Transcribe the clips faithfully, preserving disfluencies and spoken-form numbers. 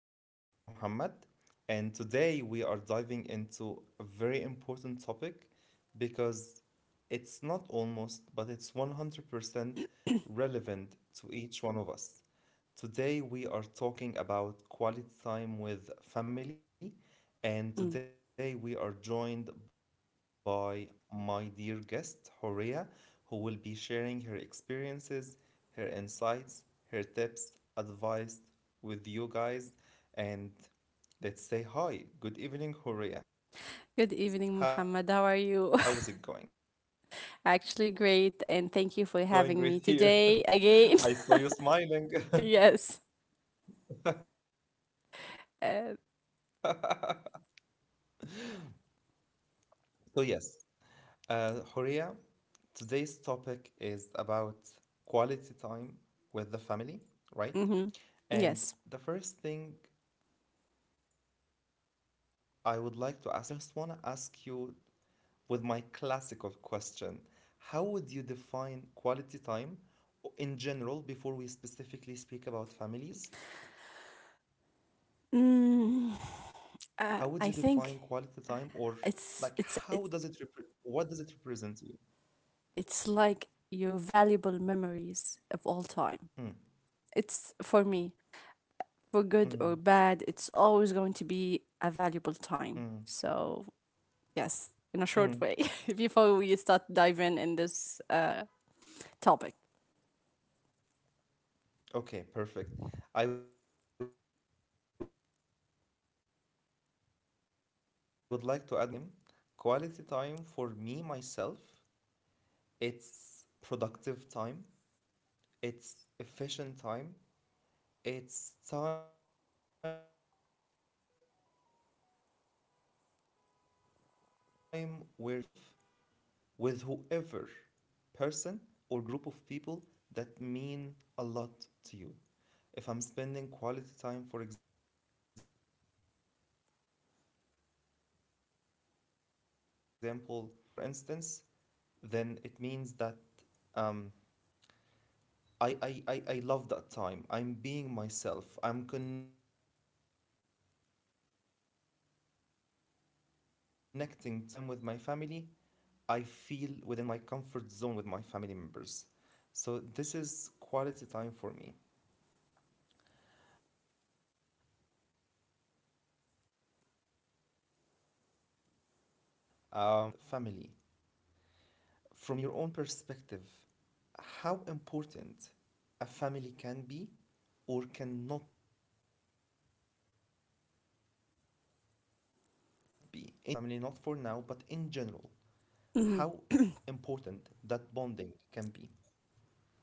This is Muhammad, and today we are diving into a very important topic because it's not almost, but it's one hundred percent relevant to each one of us. Today we are talking about quality time with family, and today Mm. we are joined by my dear guest, Horea, who will be sharing her experiences, her insights, her tips, advice with you guys. And let's say hi. Good evening, Horea. How is it Good going? evening, Muhammad. How are you? Actually, great, and thank you for having me It's today going great again. here. I saw you Yes. smiling. Uh, So, yes, Uh, Horia, today's topic is about quality time with mhm. the family, Yes. right? And the first thing I would like to ask you, before even I ask about any family, I just want to ask you with my classical question. How would you define quality time o- in general, before Mm, we specifically speak uh, about I think families? How would you define it's it's quality it's time, or like how does it, repre- what does it it's represent like to you? your valuable memories of all time. It's for me, Mm, for good or bad, it's always going to be a mm, valuable time. mm, So yes, in a short way, before we start diving in this uh, topic. mm. Okay, perfect. I would like to add my version because uh, we're not all the same. Quality time for me, myself, it's productive time, it's efficient time, it's time where you are feeling and being yourself with whoever person or group of people that mean a lot to you. If I'm spending quality time, for example, with like my fiance, for instance, then it means that um, I, I, I, I love that time. I'm being myself. I'm connecting to, to the fiance. Um, if I'm spending quality time with my family, I feel within my comfort zone with my family members. So this is quality time for me. Um, so Horia, when it comes to quality time with family, from your own perspective, how important a family can be or cannot be in general. We're not speaking about like Horea's family or Mm-hmm. Muhammad's family, not for now, but in general, how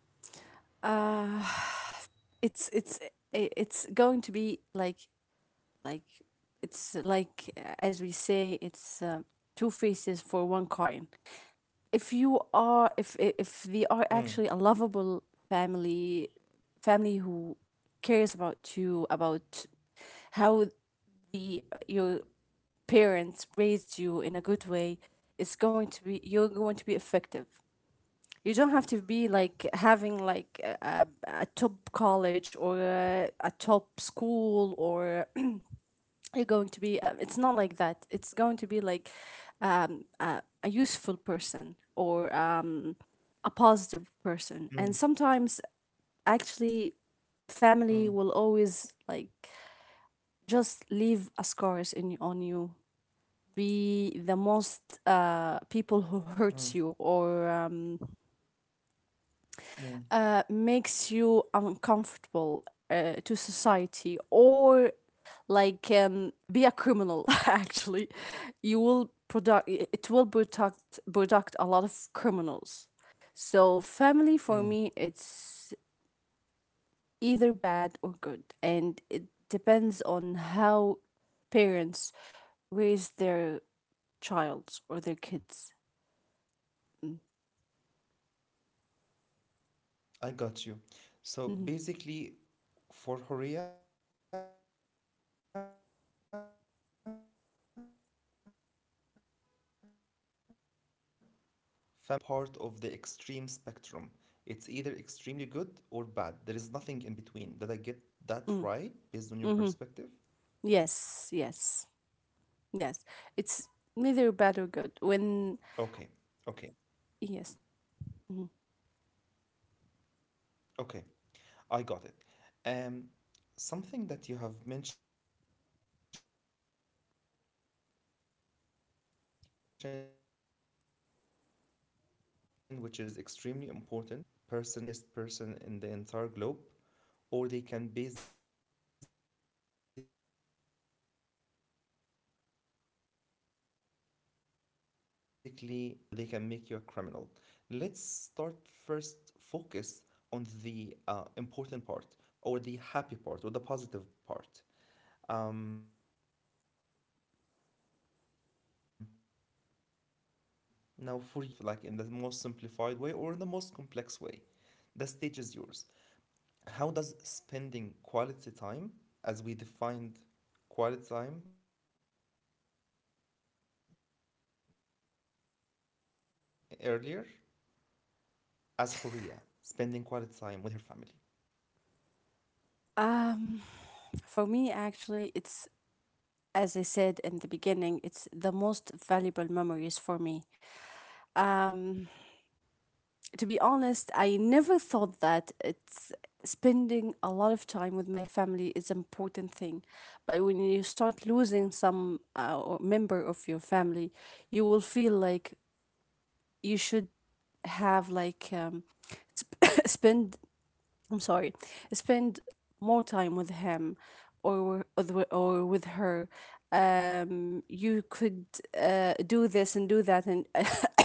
important that bonding can be. it's it's it's going to be like like it's like uh, as we say it's uh, two faces for one coin. If you are if if they are actually a lovable family, Mm, family who cares about you, about how the your parents raised you in a good way, it's going to be, you're going to be effective. You don't have to be like having like a, a top college or a, a top school or you're going to be. Uh, it's not like that. It's going to be like um, a, a useful person or uh, a positive person. And sometimes, actually, mm, family will always like mm, just leave a scars in on you. Be the most uh, people who hurt you or. Um, mm, uh, makes you mm, uncomfortable uh, to society or like um, be a criminal, actually. You will product, it will product product a lot of criminals. So family for me, mm. it's either bad or good, and it depends on how parents raise their child or their kids. Mm-hmm. I got you. So basically, for Horea, family can be placed on either part of the extreme spectrum. It's either extremely good or bad. There is nothing in between. Did I get that right based on your Mm-hmm. perspective? Mm-hmm. Yes, yes. Yes, it's Okay, neither bad or good. okay, When okay, yes, mhm. okay. I got it. Um, something that you have mentioned, which is extremely important, you said that they can make you the happiest person, like in other wo- words, they can make you the happiest person in the entire globe or they can basically make your he- like make your life a, he- a living hell, or they can make you a criminal. Let's start first focus on the uh, important part or the happy part or the positive part. Um, now for you as Horia, and feel free to to express yourself like in the most simplified way or in the most complex way, the stage is yours. How does spending quality time, as we defined quality time earlier, uh, how does it like impact you as Horia spending quality time with her family? um, for me actually, it's as I said in the beginning, it's the most valuable memories for me. Um, to be honest, I never thought that it's spending a lot of time with my family is important thing, but when you start losing some uh, or member of your family, you will feel like you should have like um, sp- spend, I'm sorry, spend more time with him Okay, or with, or with her. Um, you could uh, do this and do that, and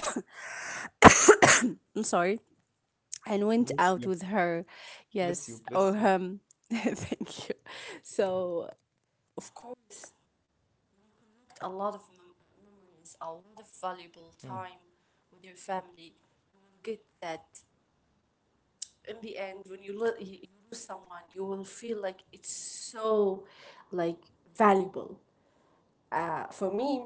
I'm sorry, bless you, and went out with her, bless you, bless you. yes, or him. Thank you. So, of course, a lot of mem- Mm, memories, a lot of valuable time with your family. You will get that in the end when you, lo- you you lose someone, you will feel like it's so like valuable. Uh, for me,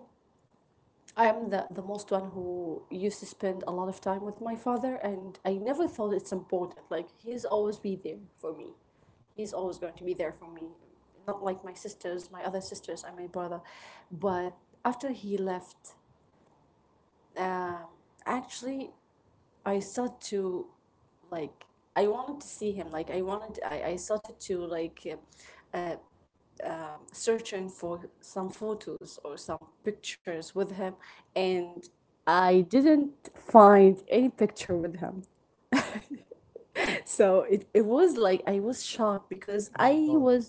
I'm the, the most one who used to spend a lot of time with my father, and I never thought it's important. Like, he's always be there for me, he's always going to be there for me, mm, not like my sisters, my other sisters and my brother. But after he left, um actually I started to like, I wanted to see him. Like, I wanted i, I started to like uh, searching for some photos or some pictures with him, and I didn't find any picture with him. So it, it was like I my was God. shocked because I was,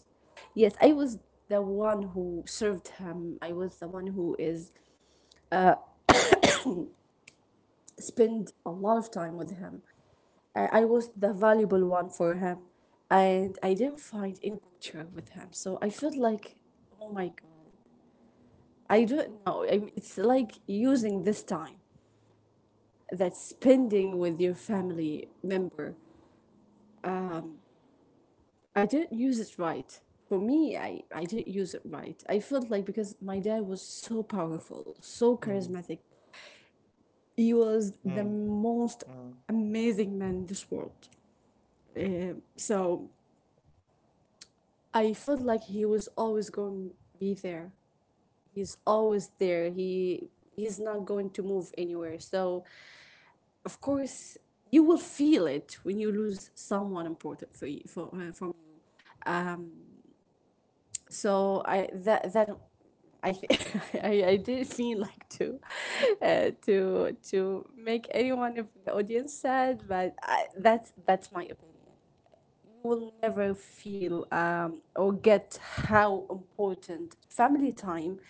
yes, I was the one who served him. I was the one who is spend a lot of time with him. I, I was the valuable one for him, and I didn't find any picture with him. So I felt like, oh my god. I don't know. I mean, it's like using this time that's spending with your family member. I didn't use it right. For me, I, I didn't use it right. I felt like, because my dad was Mm, so powerful, so charismatic. mm, He was mm, the most amazing man in this world. Um, so I felt like he was always going to be there. He's always there. He he's not going to move anywhere. So of course you will feel it when you lose someone important for you, for uh, for so I that that mm. I th- I, I didn't feel like to uh, to to make anyone of the audience sad, but I, that's that's my opinion. You will never feel um, or get how important family time,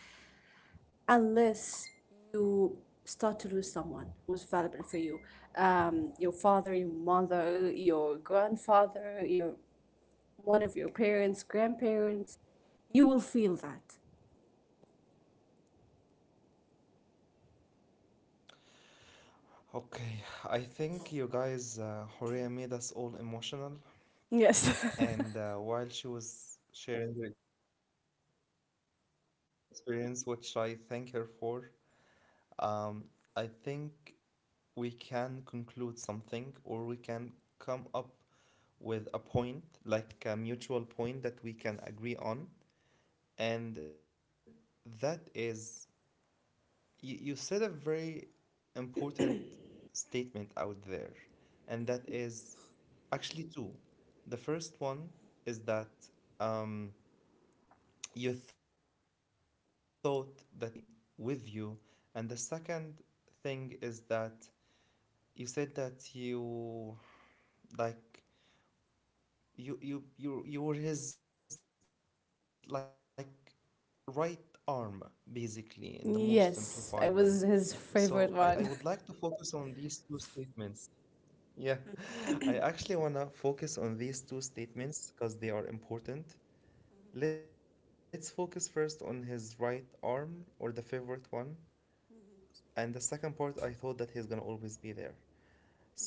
unless you start to lose someone who's valuable for you. Um, your father, your mother, your grandfather, your one of your parents, grandparents, you will feel that. Okay, I think you guys, uh, Horia made us all emotional, and uh, while Yes. she was sharing her experience, which I thank her for, um, I think we can conclude something or we can come up with a point, like a mutual point that we can agree on. And that is, you, you said a very important statement out there. And that is actually two. The first one is that um, you thought that he's gonna always be there and he's gonna always be with you. And the second thing is that you said that you like you you you you were his like right arm basically in the most simplified way. So Yes, I, I I would was like to his focus on favorite these one. two statements. Yeah, I actually wanna focus on these two statements because they are important. Let's focus first on his right arm or the favorite one, and the second part I thought that he's gonna always be there. Sometimes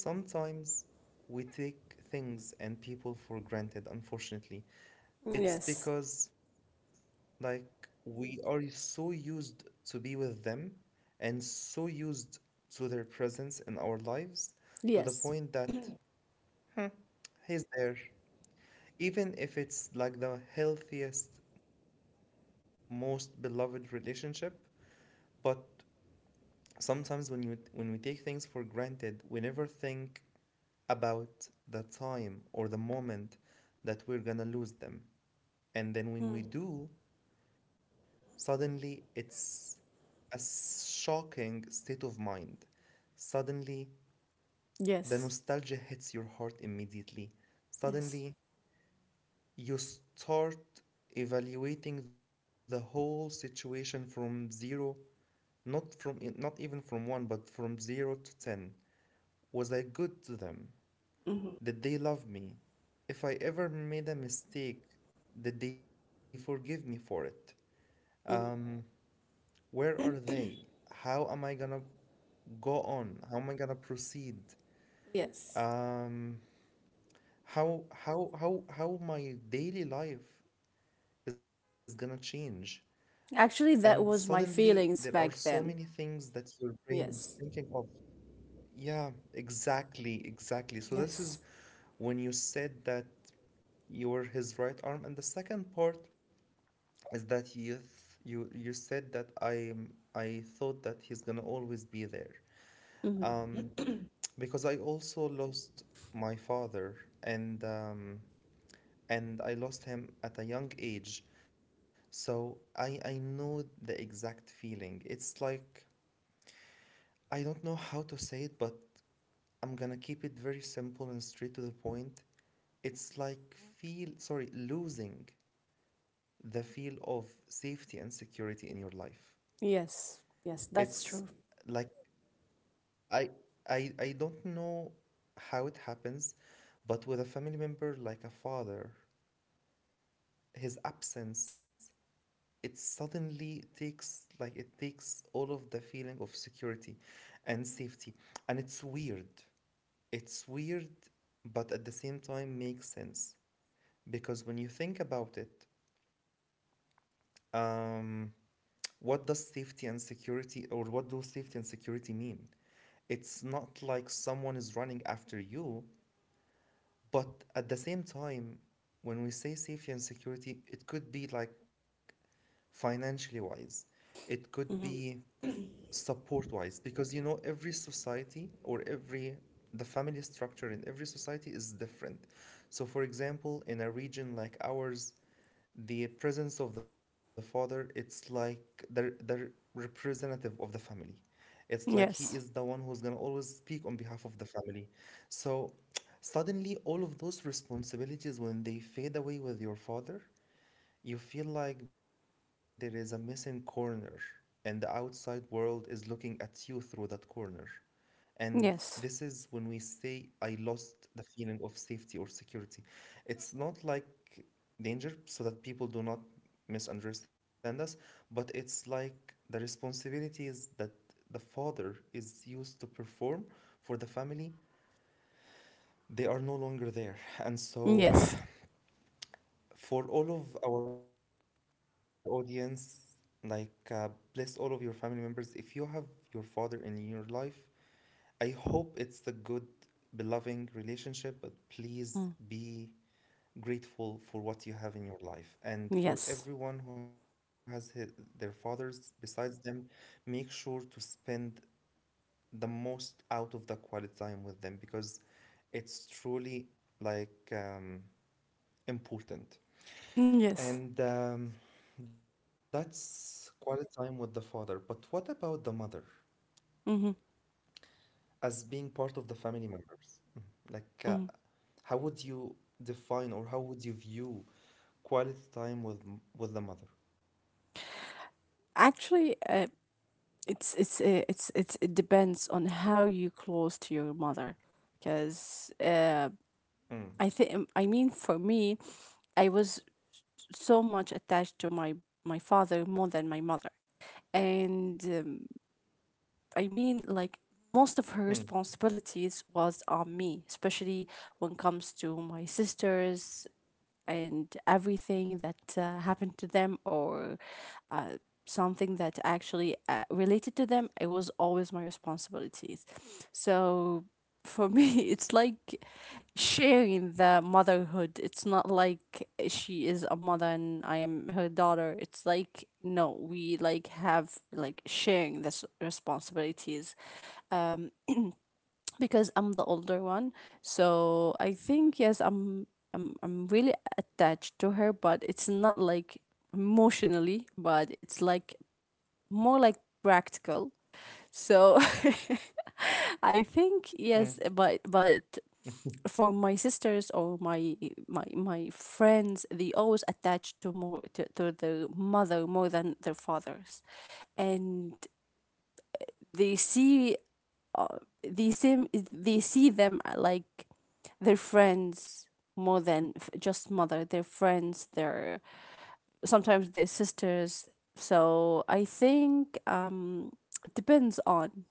we take things and people for granted, unfortunately. It's because, Yes. like, we are so used to be with them and so used to their presence in our lives to the point Yes. that, hmm, he's there. Even if it's like the healthiest, most beloved relationship, but sometimes when you when we take things for granted, we never think about the time or the moment that we're gonna lose them. And then when we do, suddenly it's a shocking state of mind. Suddenly, Yes. the nostalgia hits your heart immediately. Yes. Suddenly, you start evaluating the whole situation from zero, not from not even from one, but from zero to ten. Was I good to them? Did they love me? If I ever made a mistake, did they forgive me for it? Mm. Um, where are they? How am I gonna go on? How am I gonna proceed? Yes. Um, how how how how my daily life is gonna change? Actually, that And was my suddenly feelings there are back so then. many things that your brain Yes. is thinking of. Yeah, exactly, exactly. So this Yes. is when you said that you were his right arm. And the second part is that you you you said that I I thought that he's gonna always be there. Um, because I also lost my father, and um, and I lost him at a young age, so I I know the exact feeling. It's like I don't know how to say it, but I'm gonna keep it very simple and straight to the point. It's like feel sorry losing the feel of safety and security in your life. Yes. Yes, that's It's true. like I I I don't know how it happens, but with a family member like a father, his absence, it suddenly takes like it takes all of the feeling of security and safety. And it's weird. It's weird, but at the same time makes sense. Because when you think about it, um, what does safety and security or what do safety and security mean? It's not like someone is running after you. But at the same time, when we say safety and security, it could be like financially wise, it could be support wise, because you know, every society or every the family structure in every society is different. So, for example, in a region like ours, the presence of the father, it's like the the representative of the family. It's like he is the Yes. one who's going to always speak on behalf of the family. So suddenly all of those responsibilities, when they fade away with your father, you feel like there is a missing corner and the outside world is looking at you through that corner. And this Yes. is when we say, I lost the feeling of safety or security. It's not like danger, so that people do not misunderstand us, but it's like the responsibilities that the father is used to perform for the family, they are no longer there. And so, Yes. for all of our audience, like, uh, bless all of your family members. If you have your father in your life, I hope it's the good, beloved relationship, but please be grateful for what you have in your life. And for Yes. everyone who has hi- their fathers besides them, make sure to spend the most out of the quality time with them because it's truly like um, important. Yes. And um, that's quality time with the father. But what about the mother, Mm-hmm. as being part of the family members? Mhm. Like, uh, how would you define or how would you view quality time with m- with the mother? Actually, uh, it's it's uh, it's it's it depends on how you close to your mother, because I Mm. think, I mean for me, I was so much attached to my my father more than my mother, and um, I Mm. mean like most of her responsibilities was on me, especially when it comes to my sisters and everything that uh, happened to them or uh, something that actually uh, related to them, it was always my responsibilities. So for me, it's like sharing the motherhood. It's not like she is a mother and I am her daughter. It's like no, we like have like sharing this responsibilities because I'm the older one. So I think yes, I'm I'm I'm really attached to her, but it's not like emotionally, but it's like more like practical. So I think Mm. yes, but but for my sisters or my my my friends, they always attach to more to, to their mother more than their fathers, and they see uh, they see they see them uh, like their friends, more than f- just mother, their friends, their sometimes their sisters. So I think um it depends on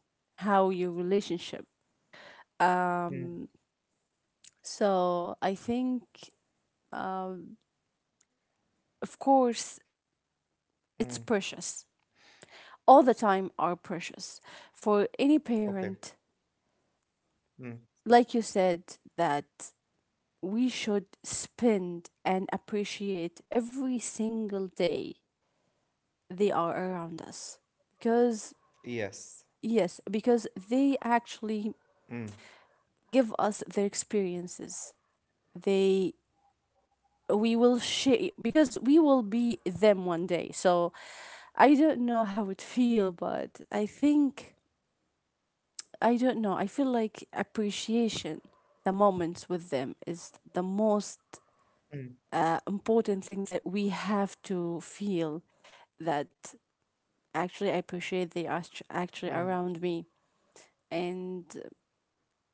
how your relationship. Mm. So I think, of course, Mm. it's precious. All the time are precious for any Okay. parent. Mm. Like you said that we should spend and appreciate every single day they are around us, because Yes. yes, because they actually Mm. give us their experiences. They We will share because we will be them one day. So I don't know how it feel, but I think, I don't know. I feel like appreciation the moments with them is the most Mm. uh, important thing that we have to feel, that actually I appreciate they are actu- Mm. actually around me, and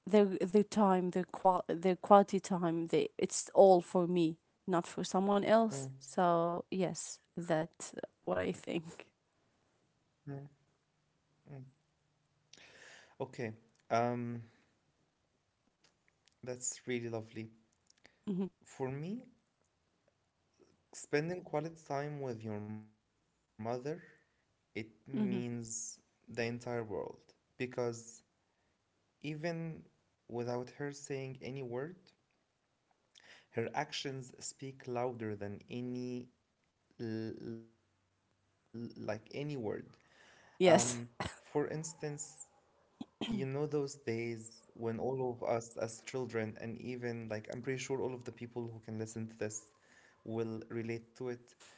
their their time, their qual their quality time. They, it's all for me, not for someone else. Mm. So yes, that's what I think. Mm. Mm. Okay. Um, that's really lovely. Hmm. For me, spending quality time with your mother, it means Hmm. the entire world, because even without her saying any word, her actions speak louder than any like any word. Um, for Yes, instance, you know those days when all of us as children, and even like I'm pretty sure all of the people who can listen to this will relate to it.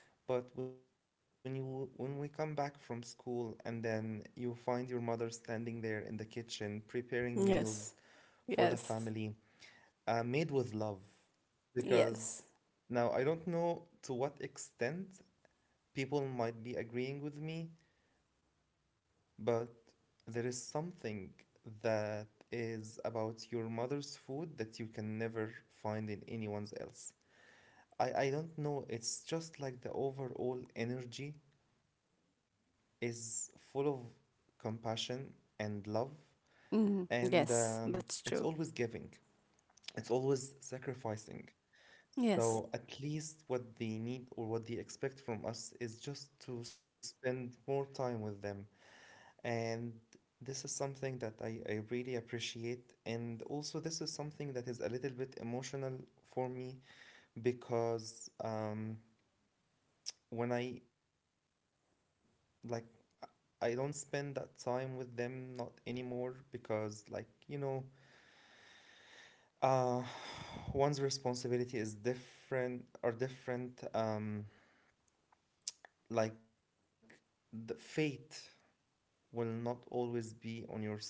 But when you when we come back from school and then you find your mother standing there in the kitchen preparing meals yes, for the family, yes, uh, made with love, because yes. now I don't know to what extent people might be agreeing with me, but there is something that is about your mother's food that you can never find in anyone's else. I, I don't know, it's just like the overall energy is full of compassion and love, and Hmm, um, it's yes. always That's giving, true. it's always sacrificing. So at Yes. least what they need or what they expect from us is just to spend more time with them. And this is something that I, I really appreciate. And also, this is something that is a little bit emotional for me because um, when I like, I don't spend that time with them not anymore because, like, you know, uh, one's responsibility is different, are different. Um, like the fate will not always be on your side.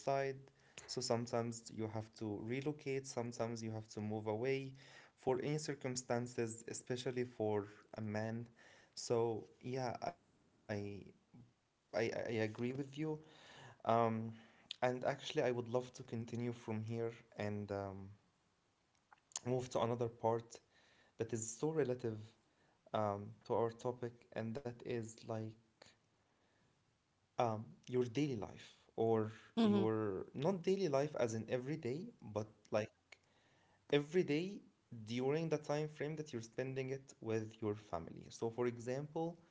So sometimes you have to relocate, sometimes you have to move away for any circumstances, especially for a man. So yeah, I I, I agree with you. Um, and actually, I would love to continue from here and um, move to another part that is so relative um, to our topic, and that is like um, your daily life or Hmm. your not daily life as in every day, but like every day during the time frame that you're spending it with your family. So, for example,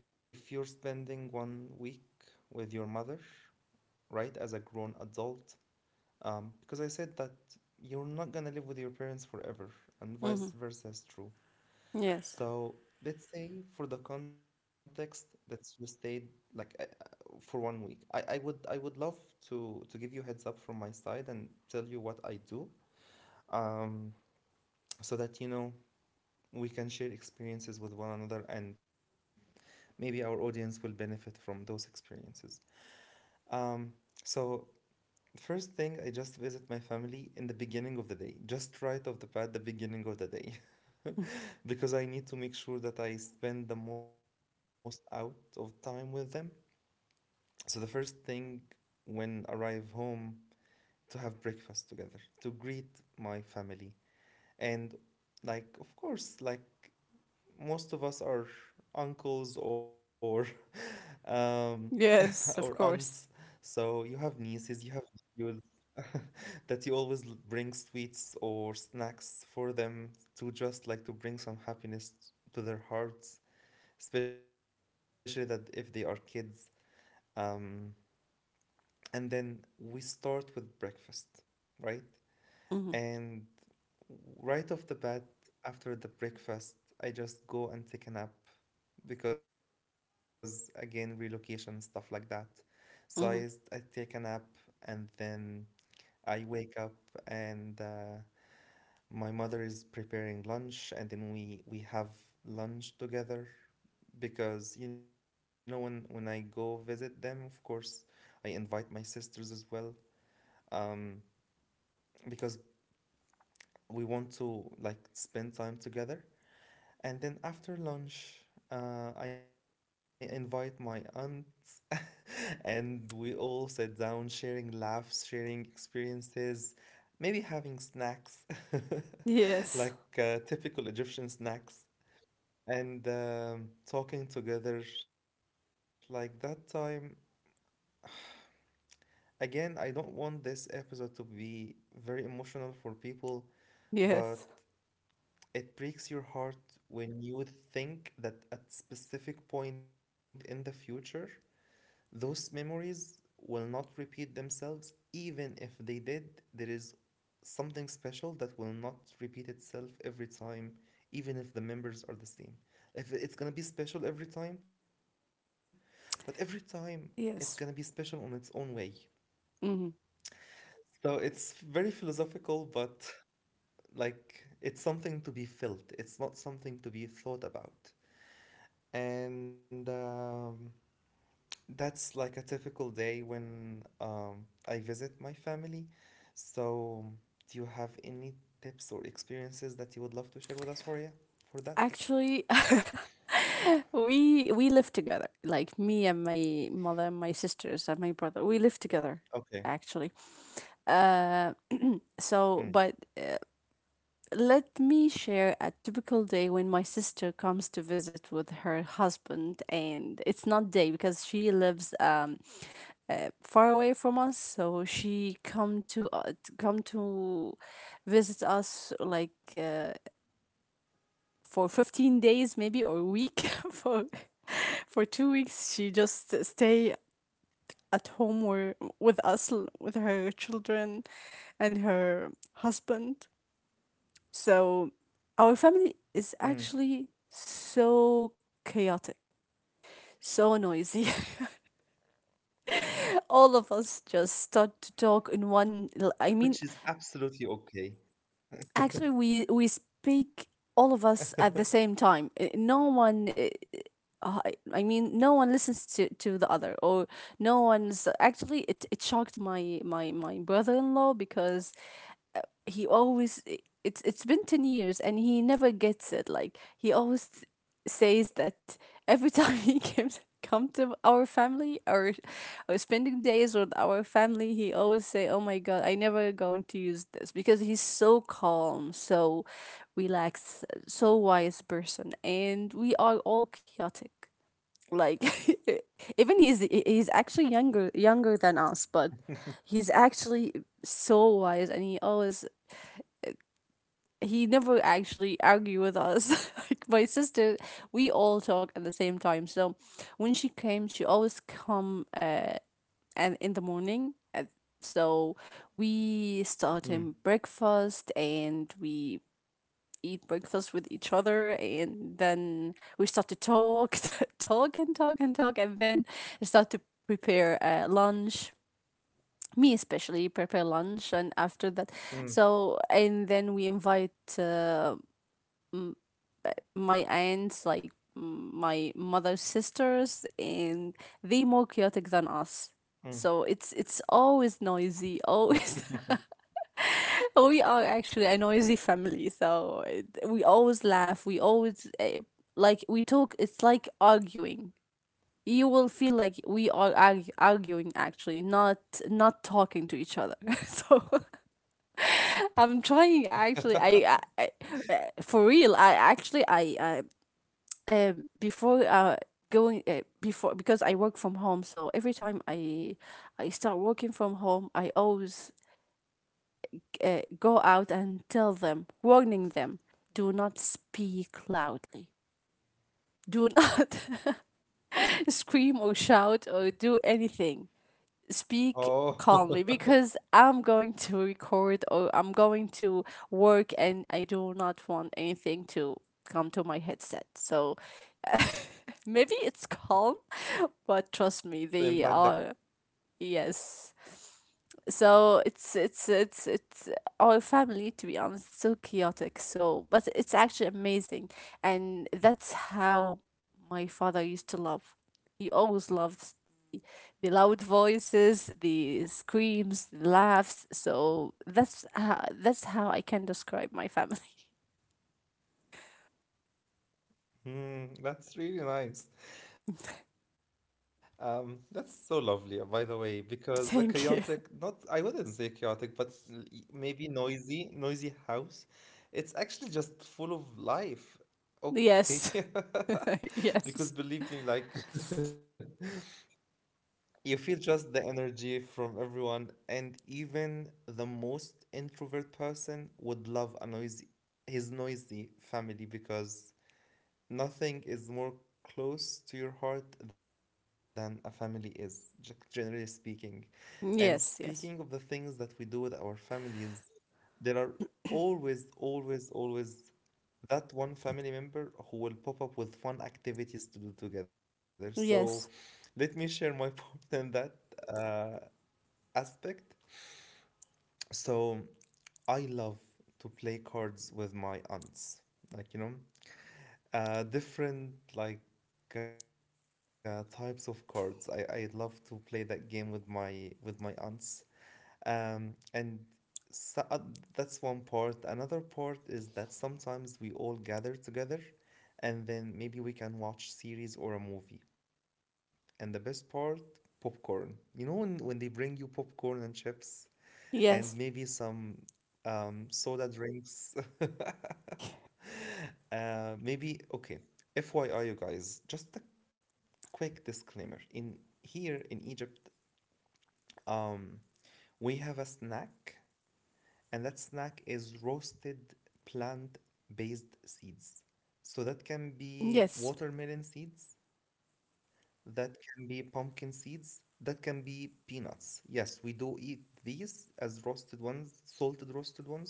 if you're spending one week with your mother, right, as a grown adult, um, because I said that you're not gonna live with your parents forever, and Hmm. vice versa is true. Yes. So let's say for the context that you stayed like uh, uh, for one week. I, I would I would love to to give you heads up from my side and tell you what I do. Um, so that you know we can share experiences with one another and maybe our audience will benefit from those experiences. Um, so first thing, I just visit my family in the beginning of the day, just right off the bat, the beginning of the day, because I need to make sure that I spend the most out of time with them. So the first thing when arrive home to have breakfast together, to greet my family. And like of course, like most of us are uncles or um or Yes, of aunts. course. So you have nieces, you have nephews that you always l- bring sweets or snacks for them to just like to bring some happiness to their hearts, especially that if they are kids. Um and then we start with breakfast, right? Hmm. And right off the bat, after the breakfast, I just go and take a nap because again, relocation and stuff like that. So I, s- I take a Hmm. nap and then I wake up and uh, my mother is preparing lunch and then we we have lunch together because you know when when I go visit them, of course, I invite my sisters as well um because we want to like spend time together and then after lunch uh, I invite my aunt and we all sit down sharing laughs, sharing experiences, maybe having snacks. like Yes. uh, typical egyptian snacks and um, talking together like that time. Again, I don't want this episode to be very emotional for people, but Yes. it breaks your heart when you think that at specific point in the future, those memories will not repeat themselves. Even if they did, there is something special that will not repeat itself every time, even if the members are the same. If it's gonna be special every time, but every time it's gonna be special on Yes. its own way. Hmm. So it's very philosophical, but like it's something to be felt. It's not something to be thought about. And um, that's like a typical day when um, I visit my family. So, do you have any tips or experiences that you would love to share with us, Horia, for that? Actually, We we live together. Like me and my mother and my sisters and my brother, we live Okay. together actually. Uh Mm, so but uh, let me share a typical day when my sister comes to visit with her husband, and it's not day because she lives um uh, far away from us. So she come to uh, t- come to visit us like uh, for fifteen days maybe, or a week, for for two weeks she just stay at home were, with us, with her children and her husband. So our family is mm. actually so chaotic, so noisy. All of us just start to talk in one, Which I is mean, absolutely okay. actually we we speak, all of us at the same time. Eh, no one eh, uh, I I mean, no one listens to, to the other, or no one's actually. It, it shocked my my my brother in law, because he always, it's it's been ten years and he never gets it. Like, he always says that every time he comes come to our family or or spending days with our family, he always say oh my god, I never going to use this, because he's so calm, so relaxed, so wise person, and we are all chaotic. Like, even he's he's actually younger younger than us, but he's actually so wise, and he always, he never actually argue with us. Like my sister, we all talk at the same time. So when she came, she always come uh and in the morning, uh, so we start in Mm, breakfast, and we eat breakfast with each other, and then we start to talk talk and talk and talk, and then start to prepare uh, lunch, me especially prepare lunch. And after that, mm, so and then we invite uh, my aunts, like my mother's sisters, and they more chaotic than us. mm. So it's it's always noisy. Always, we are actually a noisy family. So it, we always laugh. We always uh, like we talk. It's like arguing. You will feel like we are arg- arguing actually, not not talking to each other. So I'm trying actually. I, I, I uh, for real. I actually I, I um before uh going uh, before, because I work from home, so every time I I start working from home, I always uh, go out and tell them, warning them, do not speak loudly. Do not scream or shout or do Oh, anything speak calmly because I'm going to record or I'm going to work, and I do not want anything to come to my headset. So maybe to it's impact the calm, quality. but trust me, they are yes. So it's it's it's it's our family. To be honest, it's so chaotic. So but it's actually amazing, and that's how my father used to love. He always loved the loud voices, the screams, the laughs. So that's how, that's how I can describe my family. Hmm, that's really nice. Um, that's so lovely, uh, by the way, because a chaotic, not, I Thank you. wouldn't say chaotic, but l- y- maybe noisy, noisy house, it's actually just full of life. Okay. Yes. Because believe me, Yes. like, you feel just the energy from everyone, and even the most introvert person would love a noisy, his noisy family because nothing is more close to your heart than a family is, generally speaking. And speaking of the Yes. things that we do with our families, there are always, always, always that one family member who will pop up with fun activities to do together. So Yes. let me share my part in that uh, aspect. So I love to play cards with my aunts. Like, you know, Uh, different like uh, types of cards. I, I love to play that game with my with my aunts. Um, and so, uh, that's one part. Another part is that sometimes we all gather together, and then maybe we can watch series or a movie. And the best part, popcorn. You know when when they bring you popcorn and chips and Yes. maybe Yes. some um, soda drinks. Uh, maybe, okay. F Y I, you guys, just a quick disclaimer. In Here in Egypt, um, we have a snack, and that snack is roasted plant-based seeds. So that can Yes. be watermelon seeds, that can be pumpkin seeds, that can be peanuts. Yes, we do eat these as roasted ones, salted roasted ones.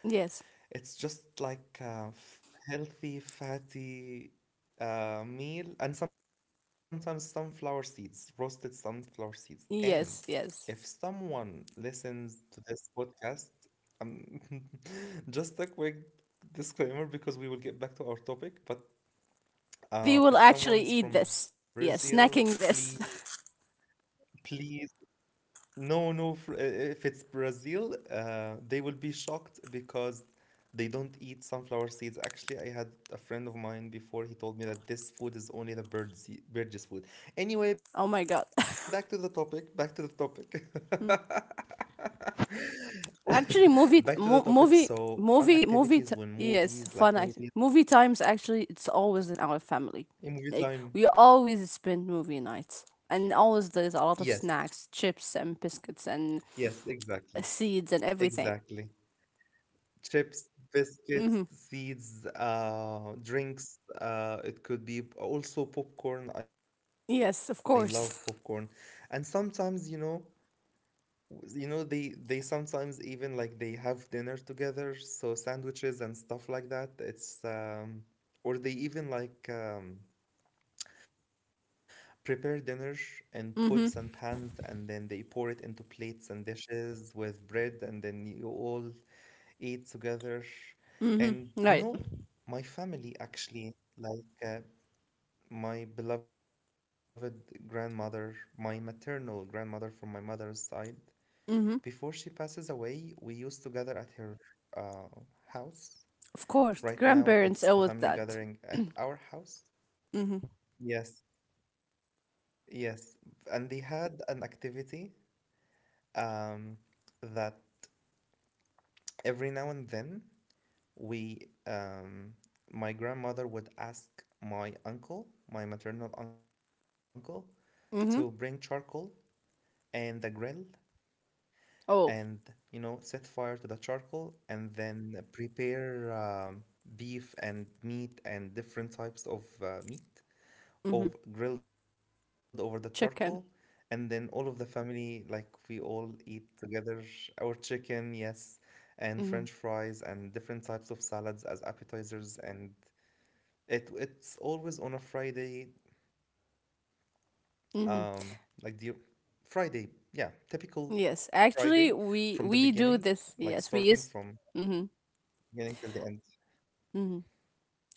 Yes. It's just like a f- healthy, fatty uh, meal, and sometimes sunflower seeds, roasted sunflower seeds. And if Yes. Yes. someone listens to this podcast, um, just a quick disclaimer because we will get back to our topic, but uh, We if will someone is actually from eat this. Brazil, Yes, snacking please, this. please, no, no. fr- uh, If it's Brazil, uh, they will be shocked because they don't eat sunflower seeds. Actually, I had a friend of mine before. He told me that this food is only the birds birds' food. Oh Anyway, my back god. to the topic. Back to the topic. Back to Actually, the movie, topic. mo- So, movie, fun activities movie, when movie. T- movies, like yes, movies, fun act. Movie times. Actually, it's always in our family. in movie Like time. we always spend movie nights, and always Yes, there's a lot of snacks, chips, and biscuits, yes, and exactly, seeds, and everything. exactly. Chips, biscuits, Mm-hmm. seeds, uh, drinks. Uh, it could be p- also popcorn. I love Yes, of popcorn. course. And sometimes, you know, w- you know, they they sometimes even like they have dinner together, so sandwiches and stuff like that. It's um, or they even like um, prepare dinner in pots and pans, and then they pour it into plates and dishes with bread, and then you all eat together. Mm-hmm. Right. And you know, my family actually, like uh, my beloved grandmother, my maternal grandmother from my mother's side, Mm-hmm. before she passes away, we used to gather at her uh, Of house. course, grandparents Right always now, it's that. the family gathering at our Mm-hmm. house. Yes, yes. And they had an activity um, that every now and then we um, my grandmother would ask my uncle, my maternal uncle, Mm-hmm. to bring charcoal and the grill Oh. and you know, set fire to the charcoal and then prepare um, beef and meat and different types of uh, Mm-hmm. meat of grilled over the Chicken. charcoal and then all of the family like we all eat together, our chicken, yes, Mm-hmm. and french fries and different types of salads as appetizers. And It it's always on a Friday, Mm-hmm. um, like the Friday, yeah, typical Yes, actually, Friday we we from the do this. beginning, Yes, we like use starting from beginning till the end.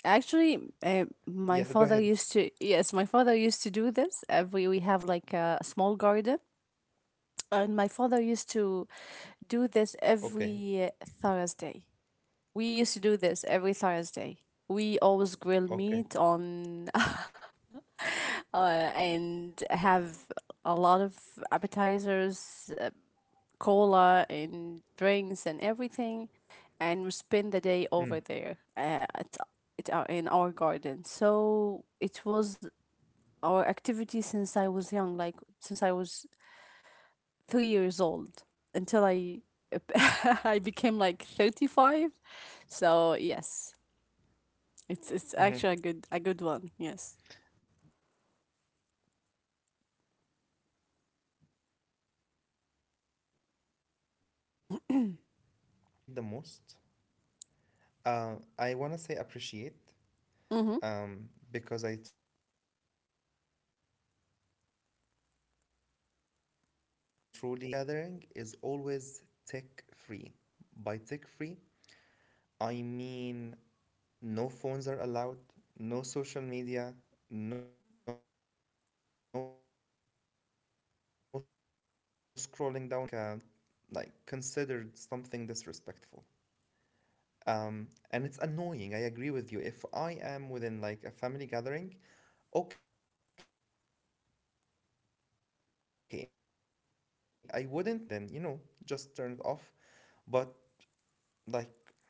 actually, uh, my father used to, Yeah, go yes, ahead. my father used to do this. Every, we have like a small garden, and my father used to do this Okay, every Thursday. We used to do this every Thursday. We always grill meat okay. on uh, and have a lot of appetizers, uh, cola, and drinks, and everything. And we spend the day over Mm, there uh, at, at our, in our garden. So it was or activities since I was young, like since I was three years old until I I became like thirty-five. So yes, it's it's actually a good a good one. mhm. Yes. Lovely. You know what, Horia? Um, the thing that I appreciate the most, uh, I wanna say Mm-hmm. appreciate, um, because I truly mean to use this word, is that a family gathering is always tech free. By tech free, I mean no phones are allowed, no social media, no scrolling down over your phone because it's always like uh, like considered something disrespectful. Um, and it's annoying. I agree with you. If I am within like a family gathering, okay, I wouldn't mind, like, maybe if you received a notification, you would just check your phone really quick and then, you know, just turn it off. But,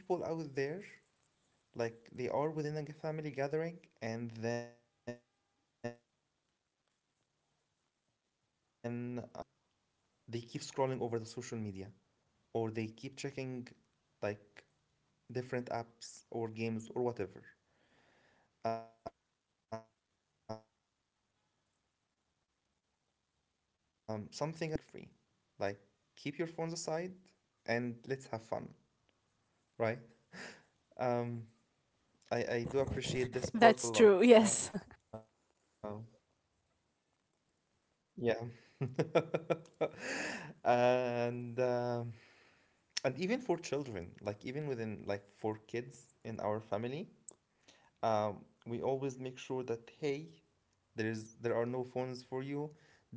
like, some people out there, like, they are within a family gathering and then, um, out of the blue, you know, they keep scrolling over the social media or they keep checking, like, different apps or games or whatever. Um, something I appreciate within at least my own family gathering is that it's tech free. Like, keep your phones aside and let's have fun, right? Um, That's I, true. I do Yes. appreciate this part a lot. Um, yeah. and um, and even for children, like even within like for kids in our family, um, we always make sure that hey, there is there are no phones for you.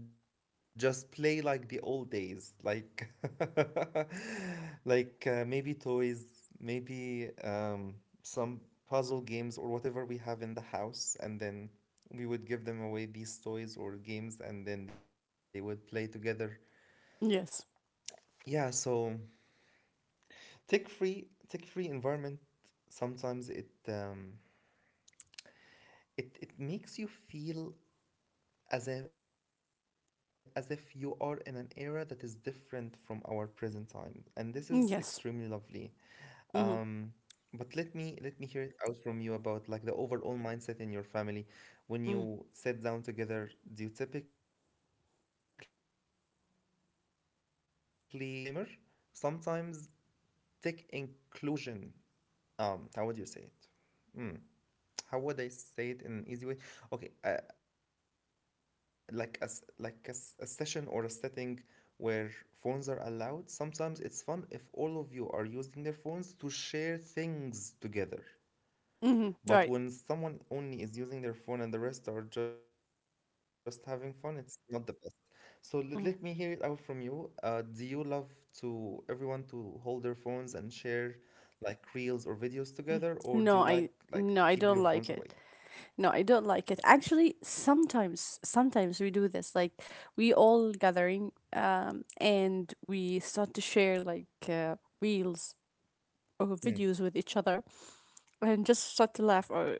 Just play like the old days, like like uh, maybe toys, maybe um, some puzzle games or whatever we have in the house, and then we would give them away these toys or games, and then they would play together. yes. Yeah, so tick-free tick-free environment sometimes it um, it it makes you feel as if, as if you are in an era that is different from our present time, and this is extremely Yes. lovely. Mm-hmm. um but let me let me hear it out from you about like the overall mindset in your family when Mm-hmm. you sit down together. Do you typically like uh, sometimes, okay, t- disclaimer, sometimes tech inclusion, um, how would you say it? Mm, how would I say it in an easy way? Okay, uh, like a s- like a, s- a session or a setting where phones are allowed. Sometimes it's fun if all of you are using their phones to share things together. Mm-hmm. Right. But when someone only is using their phone and the rest are just having fun, it's not the best. So let, let me Mm. hear it out from you. Uh, do you love to everyone to hold their phones and share like reels or videos together, No, or do I you like no, I like to don't keep like your it. phones away? No, I don't like it. Actually, sometimes sometimes we do this. Like we all gathering um and we start to share like uh, reels or videos with each other and just start to laugh or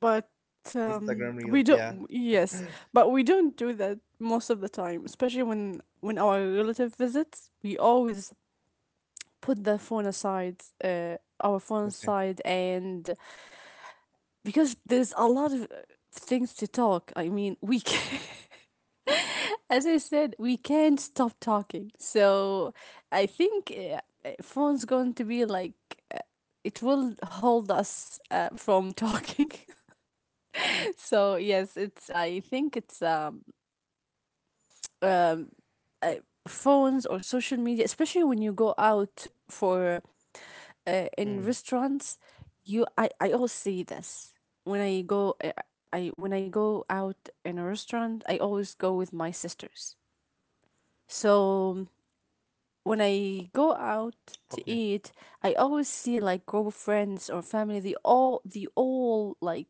but um we don't Instagram Reels, yes, yeah. but we don't do that most of the time, especially when when our relative visits, we always put the phone aside, uh our phone aside, Okay. and because there's a lot of uh, things to talk. I mean, we can as I said, we can't stop talking. So I think uh, uh, phone's going to be like uh, it will hold us uh, from talking. So yes, it's I think it's um Exactly. uh, phones or social media, especially when you go out for uh, in restaurants. You I I always see Mm, this when I go. Uh, I when I go out in a restaurant, I always go with my sisters. So when I go out to eat, okay. I always see like group of friends or family. They all they all like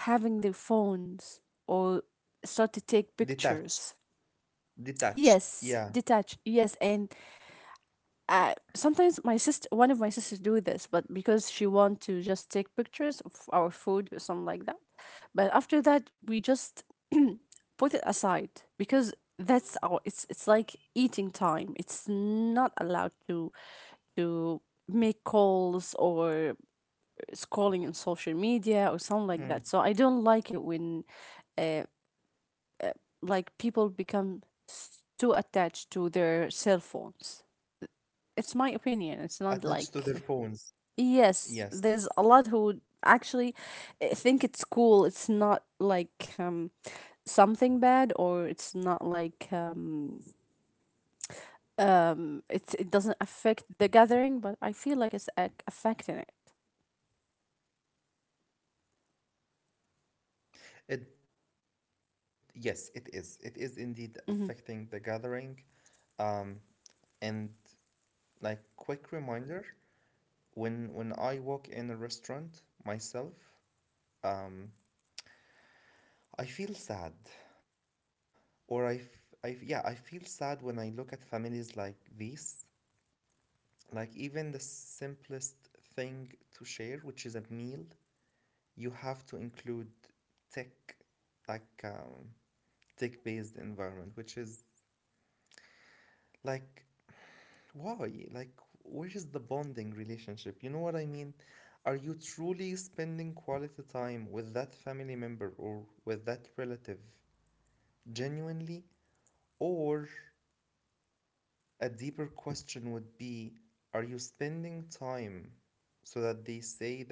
having their phones or start to take Detached. pictures. Detached. Yes, Yeah. detach. Yes, and uh, sometimes my sister, one of my sisters, do this, but because she want to just take pictures of our food or something like that. But after that, we just put it aside because that's our. It's it's like eating time. It's not allowed to to make calls or scrolling on social media or something like that. So I don't like it Mm. when uh, like people become s- too attached to their cell phones. It's my opinion. It's not like Attached to their phones. yes, there's a lot who Yes. actually uh, think it's cool. It's not like um something bad or it's not like um um it's it doesn't affect the gathering, but I feel like it's ac- affecting it. It yes, it is. It is indeed Mm-hmm. affecting the gathering. Um, and like quick reminder, when when I walk in a restaurant myself, um, I feel sad. Or I, f- I f- yeah, I feel sad when I look at families like these, like even the simplest thing to share, which is a meal, you have to include tech, like um, tech-based environment, which is like why? Like where is the bonding relationship? You know what I mean? Are you truly spending quality time with that family member or with that relative genuinely, or a deeper question would be, are you spending time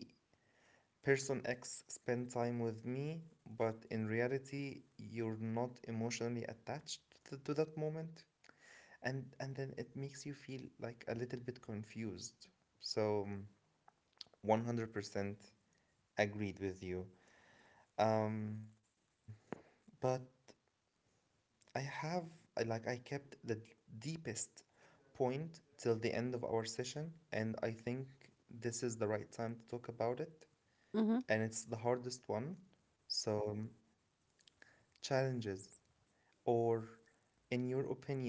so that they say that, hey, person X spent time with me, but in reality, you're not emotionally attached to, to that moment? And, and then it makes you feel like a little bit confused. So, one hundred percent agreed with you. Um, but I have I like I kept the d- deepest point till the end of our session, and I think this is the right time to Mm-hmm. talk about it, and it's the hardest one. So um, challenges or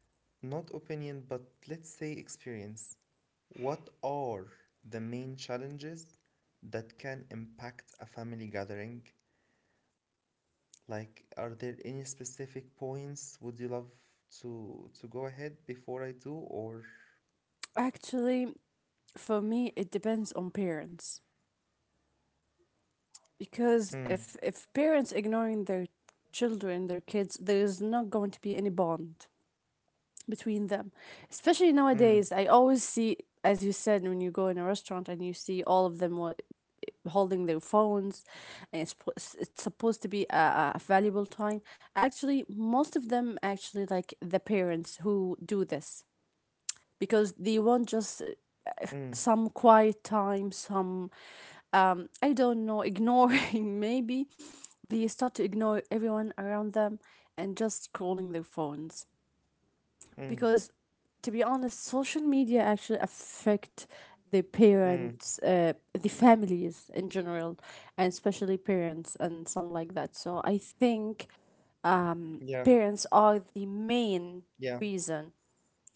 in your opinion, not opinion but let's say experience, what are the main challenges that can impact a family gathering? Like, are there any specific points would you love to to go ahead before I do, or Actually, for me, it depends on parents because if if parents mm, ignoring their children, their kids, there is not going to be any bond between them. Especially nowadays, I always see, mm, as you said, when you go in a restaurant and you see all of them what holding their phones, and it's, it's supposed to be a, a valuable time. Actually most of them actually like the parents who do this because they want just uh, uh, some quiet mm, time, some um, I don't know, ignoring maybe. They start to ignore everyone around them and just scrolling their phones. Because to be honest, social media mm, actually affect the parents, uh, the families in general, mm. and especially parents and some like that. So I think Yeah, parents are the yeah. main reason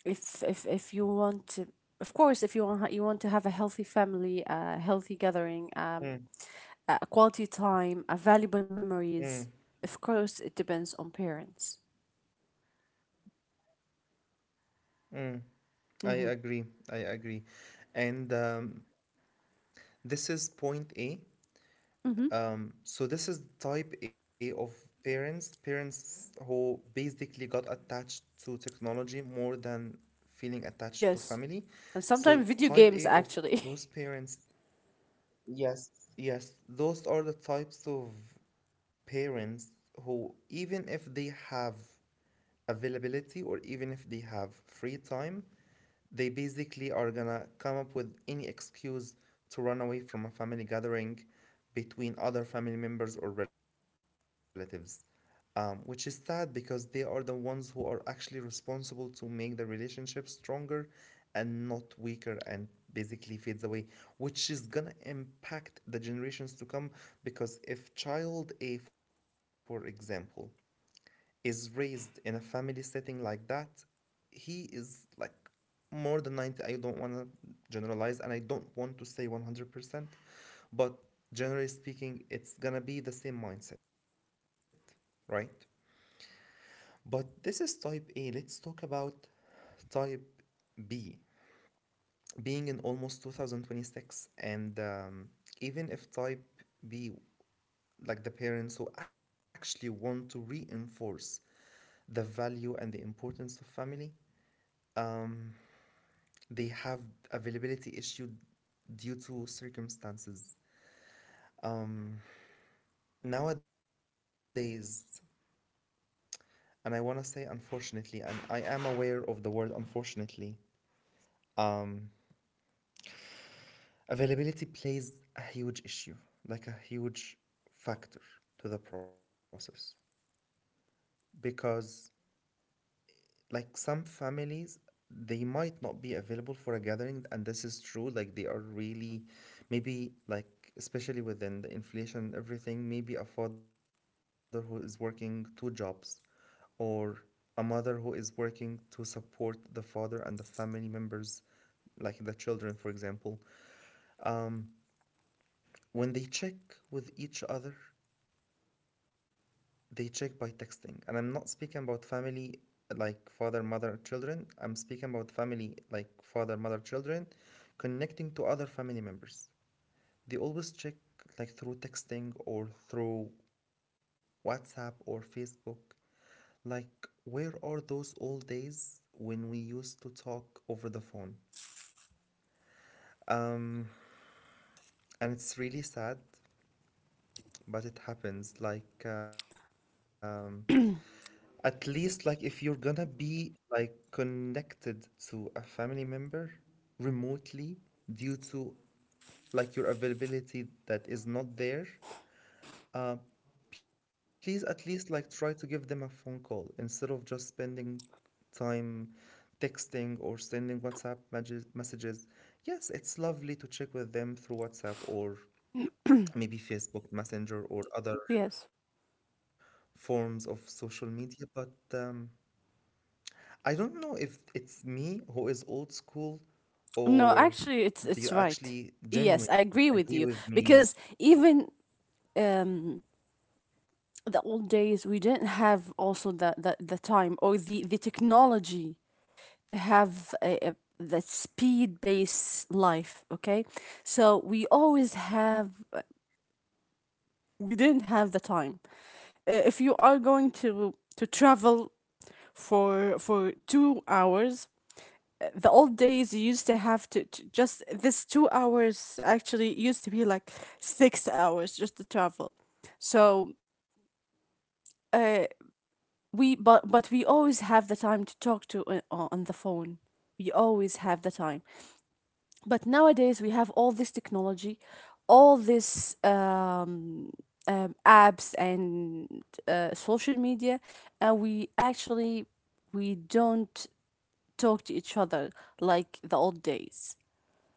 if if if you want to of course if you want you want to have a healthy family, a healthy gathering, Mm, um, a a quality time, a valuable mm, memories, of course it depends on parents. mm. Mm-hmm. I agree. I agree. And um, this is point A. Mm-hmm. Um, so this is type A of parents, parents who basically got attached to technology more than feeling Yes, attached to and family. sometimes video games So type actually A of those parents. Yes, yes, those are the types of parents who, even if they have availability or even if they have free time, they basically are gonna come up with any excuse to run away from a family gathering between other family members or relatives, um, which is sad because they are the ones who are actually responsible to make the relationship stronger and not weaker, and basically fades away, which is gonna impact the generations to come. Because if child A, for example, is raised in a family setting like that, he is like more than ninety. I don't want to generalize and I don't want to say one hundred percent, but generally speaking, it's gonna be the same mindset, right? But this is type A. Let's talk about type B, being in almost two thousand twenty-six. And um, even if type B, like the parents who actually want to reinforce the value and the importance of family. They have availability issue due to circumstances nowadays. And I want to say, unfortunately, and I am aware of the word unfortunately, um, availability plays a huge issue, like a huge factor to the process. Because like some families, they might not be available for a gathering, and this is true, like they are really maybe like, especially within the inflation and everything, maybe a father who is working two jobs, or a mother who is working to support the father and the family members, like the children for example, um, when they check with each other, they check by texting. And I'm not speaking about family like father, mother, children. I'm speaking about family like father, mother, children connecting to other family members. They always check like through texting or through WhatsApp or Facebook. Like, where are those old days when we used to talk over the phone? Um, and it's really sad, but it happens. Like, um, at least like if you're gonna be like connected to a family member remotely due to like your availability that is not there, please at least like try to give them a phone call instead of just spending time texting or sending WhatsApp messages messages. Yes, it's lovely to check with them through WhatsApp or maybe Facebook yes Messenger or other forms of social media, but um, I don't know if it's me who is old school, no actually it's or it's right. do you Yes, I actually agree with you genuinely because agree with me? even the old days we didn't have also the the, the time or the the technology to have a, a, the speed based life. Okay, so we always have we didn't have the time. Uh, if you are going to to travel for for two hours, the old days you used to have to, to just this two hours actually used to be like six hours just to travel. So uh, we but but we always have the time to talk to uh, on the phone. We always have the time, but nowadays we have all this technology, all this um, um, apps and uh, social media, and we actually we don't talk to each other like the old days.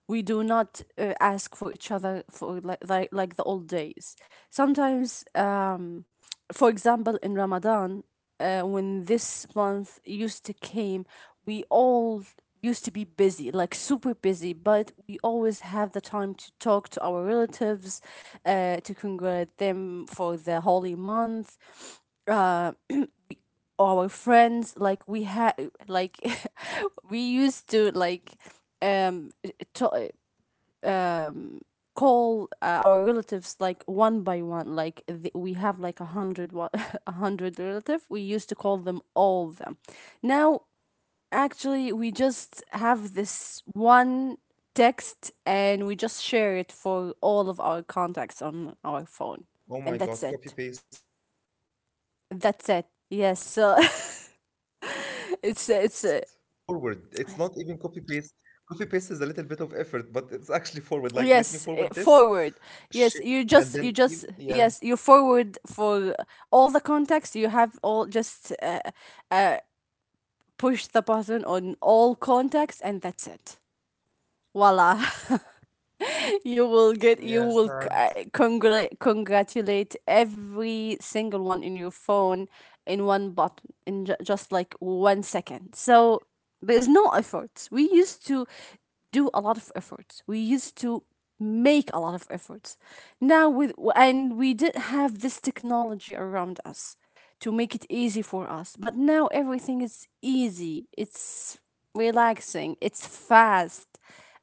We do not uh, ask for each other for like, like like the old days. Sometimes um for example, in Ramadan, uh, when this month used to came, we all used to be busy like super busy, but we always have the time to talk to our relatives, uh, to congratulate them for the holy month, uh, our friends. Like we had like we used to like um to- um call uh, our relatives like one by one. Like th- we have like a hundred, one a hundred relative we used to call them all of them. Now actually we just have this one text, and we just share it for all of our contacts on our phone, and that's it. Oh my God, copy That's paste. it. Yes, so Yeah. Not it's even copy it's uh, paste, but forward. It's not even copy paste. Copy paste is a little bit of effort, but it's actually yes uh, forward. Like, let me forward. forward Yes, this. you just you just Shit. yes you And then, you, forward yeah. for all the contacts you have, all just push the button on all contacts, and that's it. Voila, you will get, you will uh, congrat- Yeah, sad. congratulate every single one in your phone in one button, in ju- just like one second. So there's no effort. We used to do a lot of efforts. We used to make a lot of efforts. Now with and we did have this technology around us to make it easy for us. But now everything is easy, it's relaxing, it's fast,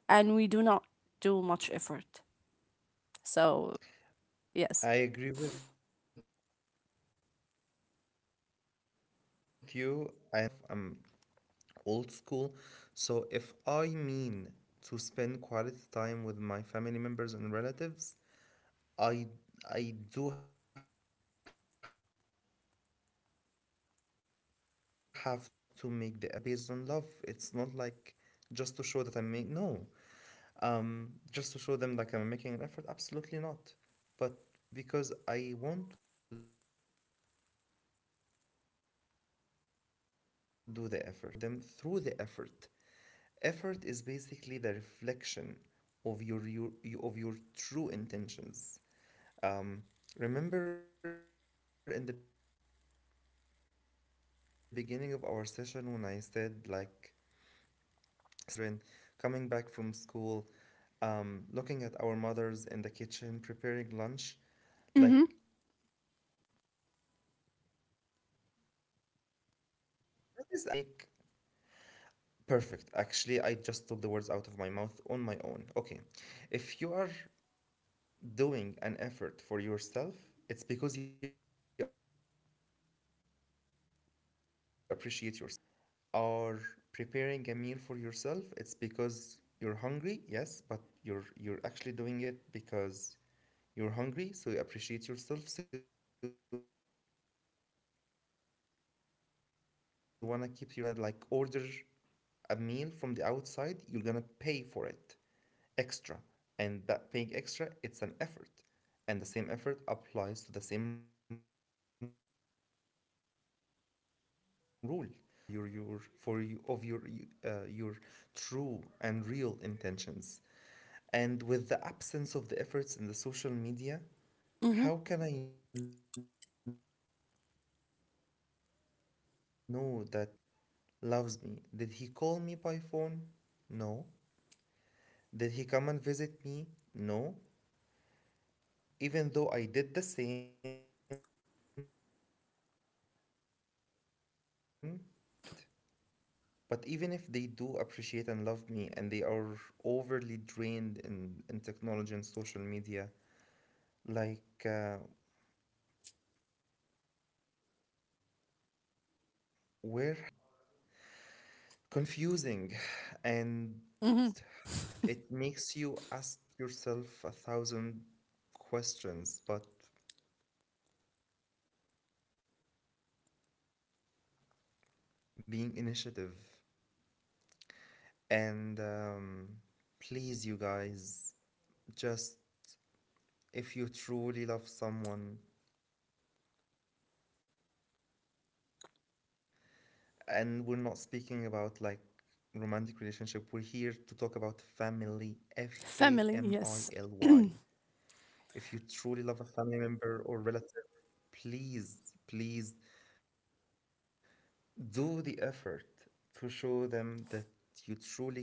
and we do not do much effort. So, yes. I agree with you. And again, I want to add emphasis on the fact that me myself, I'm old school. So if I mean to spend quality time with my family members and relatives, I I do have to make the effort because, and I do it like based on love. It's not like just to show that I'm make no. Um, just to show them like I'm making an effort. Absolutely not. But because I want to do the effort. I I wanna express my appreciation and love for them through the effort. Effort is basically the reflection of your, your, of your true intentions. Um, remember in the beginning of our session when I said like spending time with the mother back in the days when you were when we were children, coming back from school, um, looking at our mothers in the Mm-hmm. kitchen preparing lunch, like that is actually an effort because if you're speaking about yourself, you're gonna make perfect. Actually, I just took the words out of my mouth on my own. Okay. If you are doing an effort for yourself, it's because you appreciate yourself, it's because you love yourself. If you are preparing a meal for yourself, it's because you're hungry, yes, but you're you're actually doing it because you're hungry, so you appreciate yourself, so you want to keep yourself satisfied and feeling full. Even if you're gonna like order a meal from the outside, you're gonna pay for it extra, and that paying extra, it's an effort, and the same effort applies to the same rule. So effort for me is always a reflection for your your for you of your uh, your true and real intentions. And with the absence Mm-hmm. of the efforts in the social media, how can I know that this relative genuinely genuinely like loves me. Did he call me by phone? No. Did he come and visit me? No. Even though I did the same to show him or to show her that I appreciate you, but they didn't. But even if they do appreciate and love me, and they are overly drained in, in technology and social media, like, uh, where have your feelings been? Where have they been? Mm-hmm. Confusing and it makes you ask yourself a thousand questions, but it's always that missing part of being initiative. And um, please, you guys, just if you truly love someone, and we're not speaking about like romantic relationship, we're here to talk about family, F A M I L Family, Y. yes. If you truly love a family member or relative, please, please do the effort to show them that you truly care for them,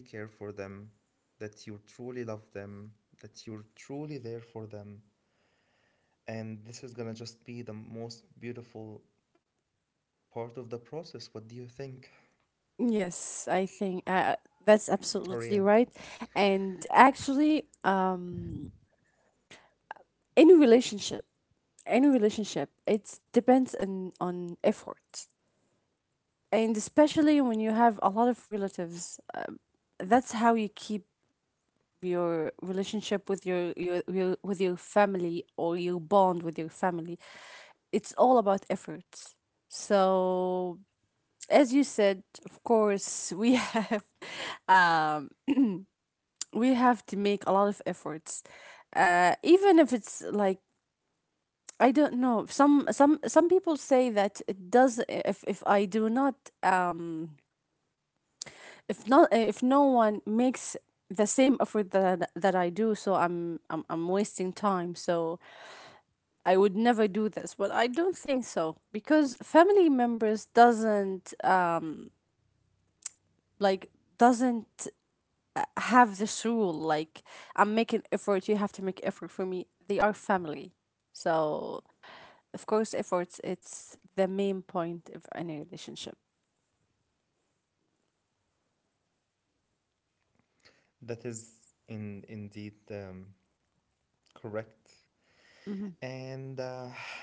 that you truly love them, that you're truly there for them. And this is gonna just be the most beautiful part of the process. What do you think, Yes, I think uh, Haria? that's absolutely right. And actually, um, any relationship, any relationship, it depends on on effort, and especially when you have a lot of relatives, um, that's how you keep your relationship with your, your, your with your family or your bond with your family. It's all about efforts. So as you said, of course we have um we have to make a lot of efforts uh even if it's like I don't know. Some some some people say that it does if if i do not um if not if no one makes the same effort that I, that I do, so I'm, I'm I'm wasting time, so I would never do this. But I don't think so because family members doesn't um like doesn't uh, have this rule like I'm making effort, you have to make effort for me. They are family. So, of course, efforts it's the main point of any relationship. That is in indeed um, correct. Mhm. And uh,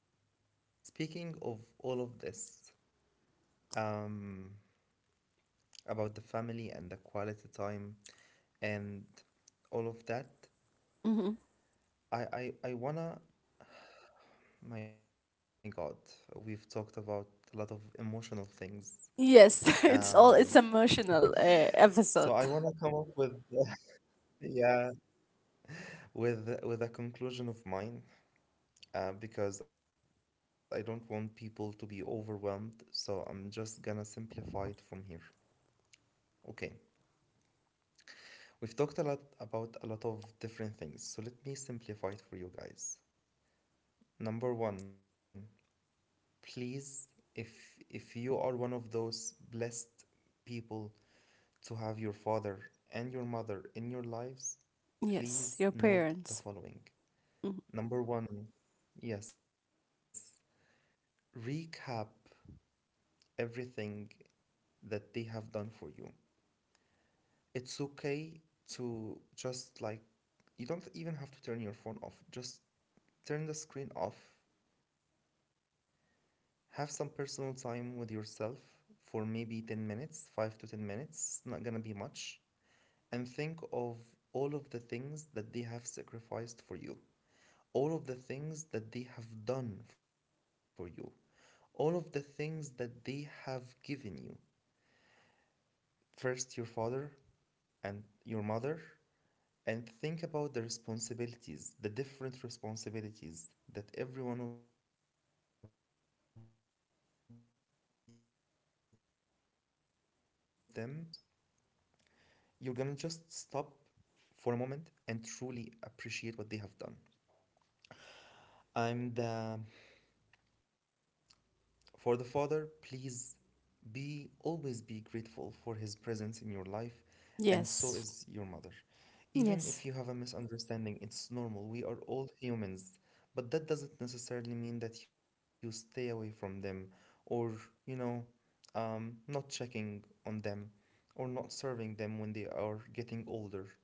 speaking of all of this, um, about the family and the quality time and all of that, Mhm. I, I, I wanna, my God, we've talked about a lot of emotional things. Yes, it's Um, all it's emotional uh, so I episode. wanna come up with, yeah, with with a conclusion of mine, uh, because I don't want people to be overwhelmed. So I'm just gonna simplify it from here. Okay, we've talked a lot about a lot of different things. So let me simplify it for you guys. Number one, please, if if you are one of those blessed people to have your father and your mother in your lives, Yes, your please note parents. the following. Mhm. Number one, yes, recap everything that they have done for you. It's okay to just like, you don't even have to turn your phone off, just turn the screen off. Have some personal time with yourself for maybe ten minutes, five to ten minutes, it's not gonna be much. And think of all of the things that they have sacrificed for you, all of the things that they have done for you, all of the things that they have given you. First, your father and your mother, and think about the responsibilities, the different responsibilities that every one of them is having on his or her shoulders. You're gonna just stop for a moment and truly appreciate what they have done. I'm the For the father, please be always be grateful for his presence in your life, and so Yes. is your mother. Even if you Yes. have a misunderstanding, it's normal. We are all humans, but that doesn't necessarily mean that you stay away from them or, you know, um, not checking on them or not serving them when they are getting older.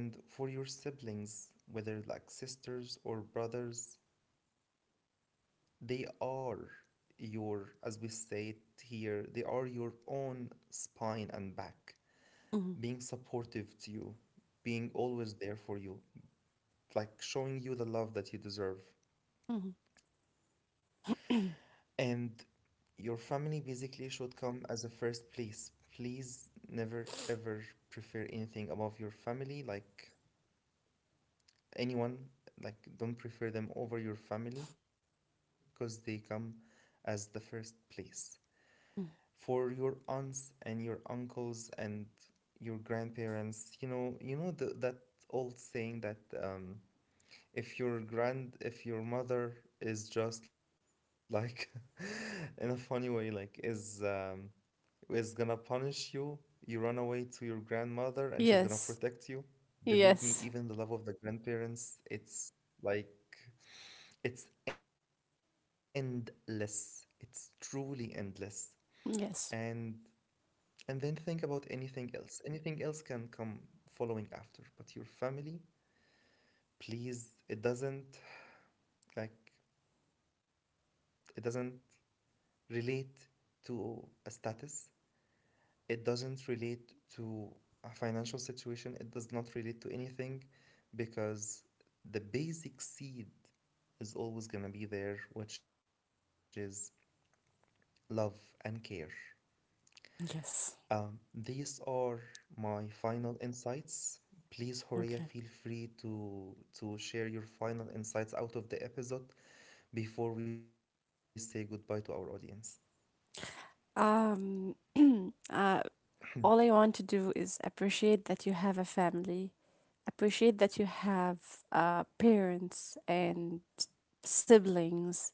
And for your siblings, whether like sisters or brothers, they are your, as we say it here, they are your own spine and back, being Mhm. supportive to you, being always there for you, like showing you the love that you deserve. Mhm. And your family basically should come as a first place. Please never ever prefer anything above your family. Like anyone, like don't prefer them over your family, because they come as the first place. For your aunts and your uncles and your grandparents, you know, you know the, that old saying that um, if your grand if your mother is just like in a funny way like is um, is gonna punish you. You run away to your grandmother and she's gonna Yes. protect you. Believe me, Yes. even the love of the grandparents, it's like it's endless. It's truly endless. And Yes. and then think about anything else. Anything else can come following after, but your family, please, it doesn't like it doesn't relate to a status, it doesn't relate to a financial situation, it does not relate to anything, because the basic seed is always going to be there, which is love and care. Um, Yes. these are my final insights. Please, Horia, feel Okay. free to to share your final insights out of the episode before we say goodbye to our audience. Um, uh, all I want to do is appreciate that you have a family, appreciate that you have uh, parents and siblings,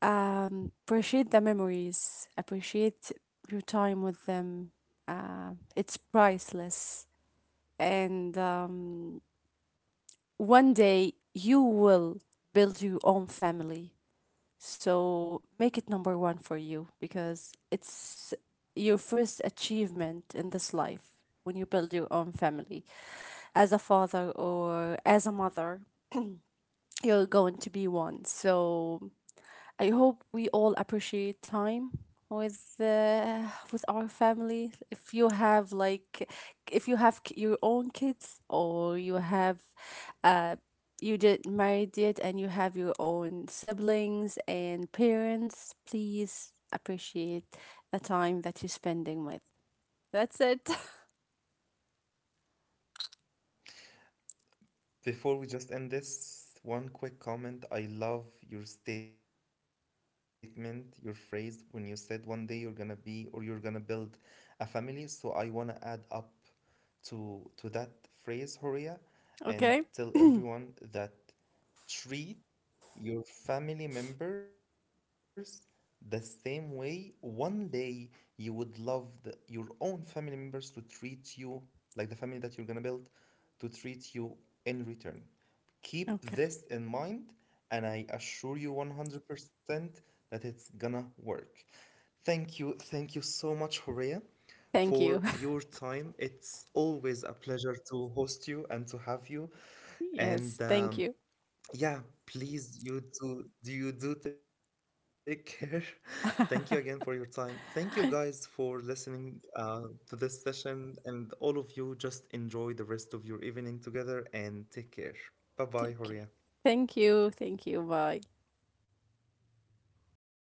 um, appreciate the memories, appreciate your time with them. Uh, it's priceless. And um, one day you will build your own family. So make it number one for you because it's your first achievement in this life when you build your own family. As a father or as a mother, you're going to be one. So I hope we all appreciate time with uh, with our family. If you have like, if you have k- your own kids or you have, uh, you did married yet and you have your own siblings and parents, please appreciate the time that you're spending with. That's it. Before we just end this, one quick comment. I love your statement, your phrase when you said one day you're gonna be or you're gonna build a family. So I wanna add up to to that phrase, Horia, and okay. tell everyone that treat your family members the same way one day you would love the, your own family members to treat you like the family that you're gonna build to treat you in return. Keep this Okay. in mind, and I assure you one hundred percent that it's gonna work. Thank you, thank you so much, Horea, Thank for you. your time. It's always a pleasure to host you and to have you. yes. And Thank you. um, yeah, please, you do, do you do take care. Thank you again for your time. Thank you guys for listening uh, to this session, and all of you just enjoy the rest of your evening together and take care. Bye Take bye, care. Horia. Thank you. Thank you. Bye.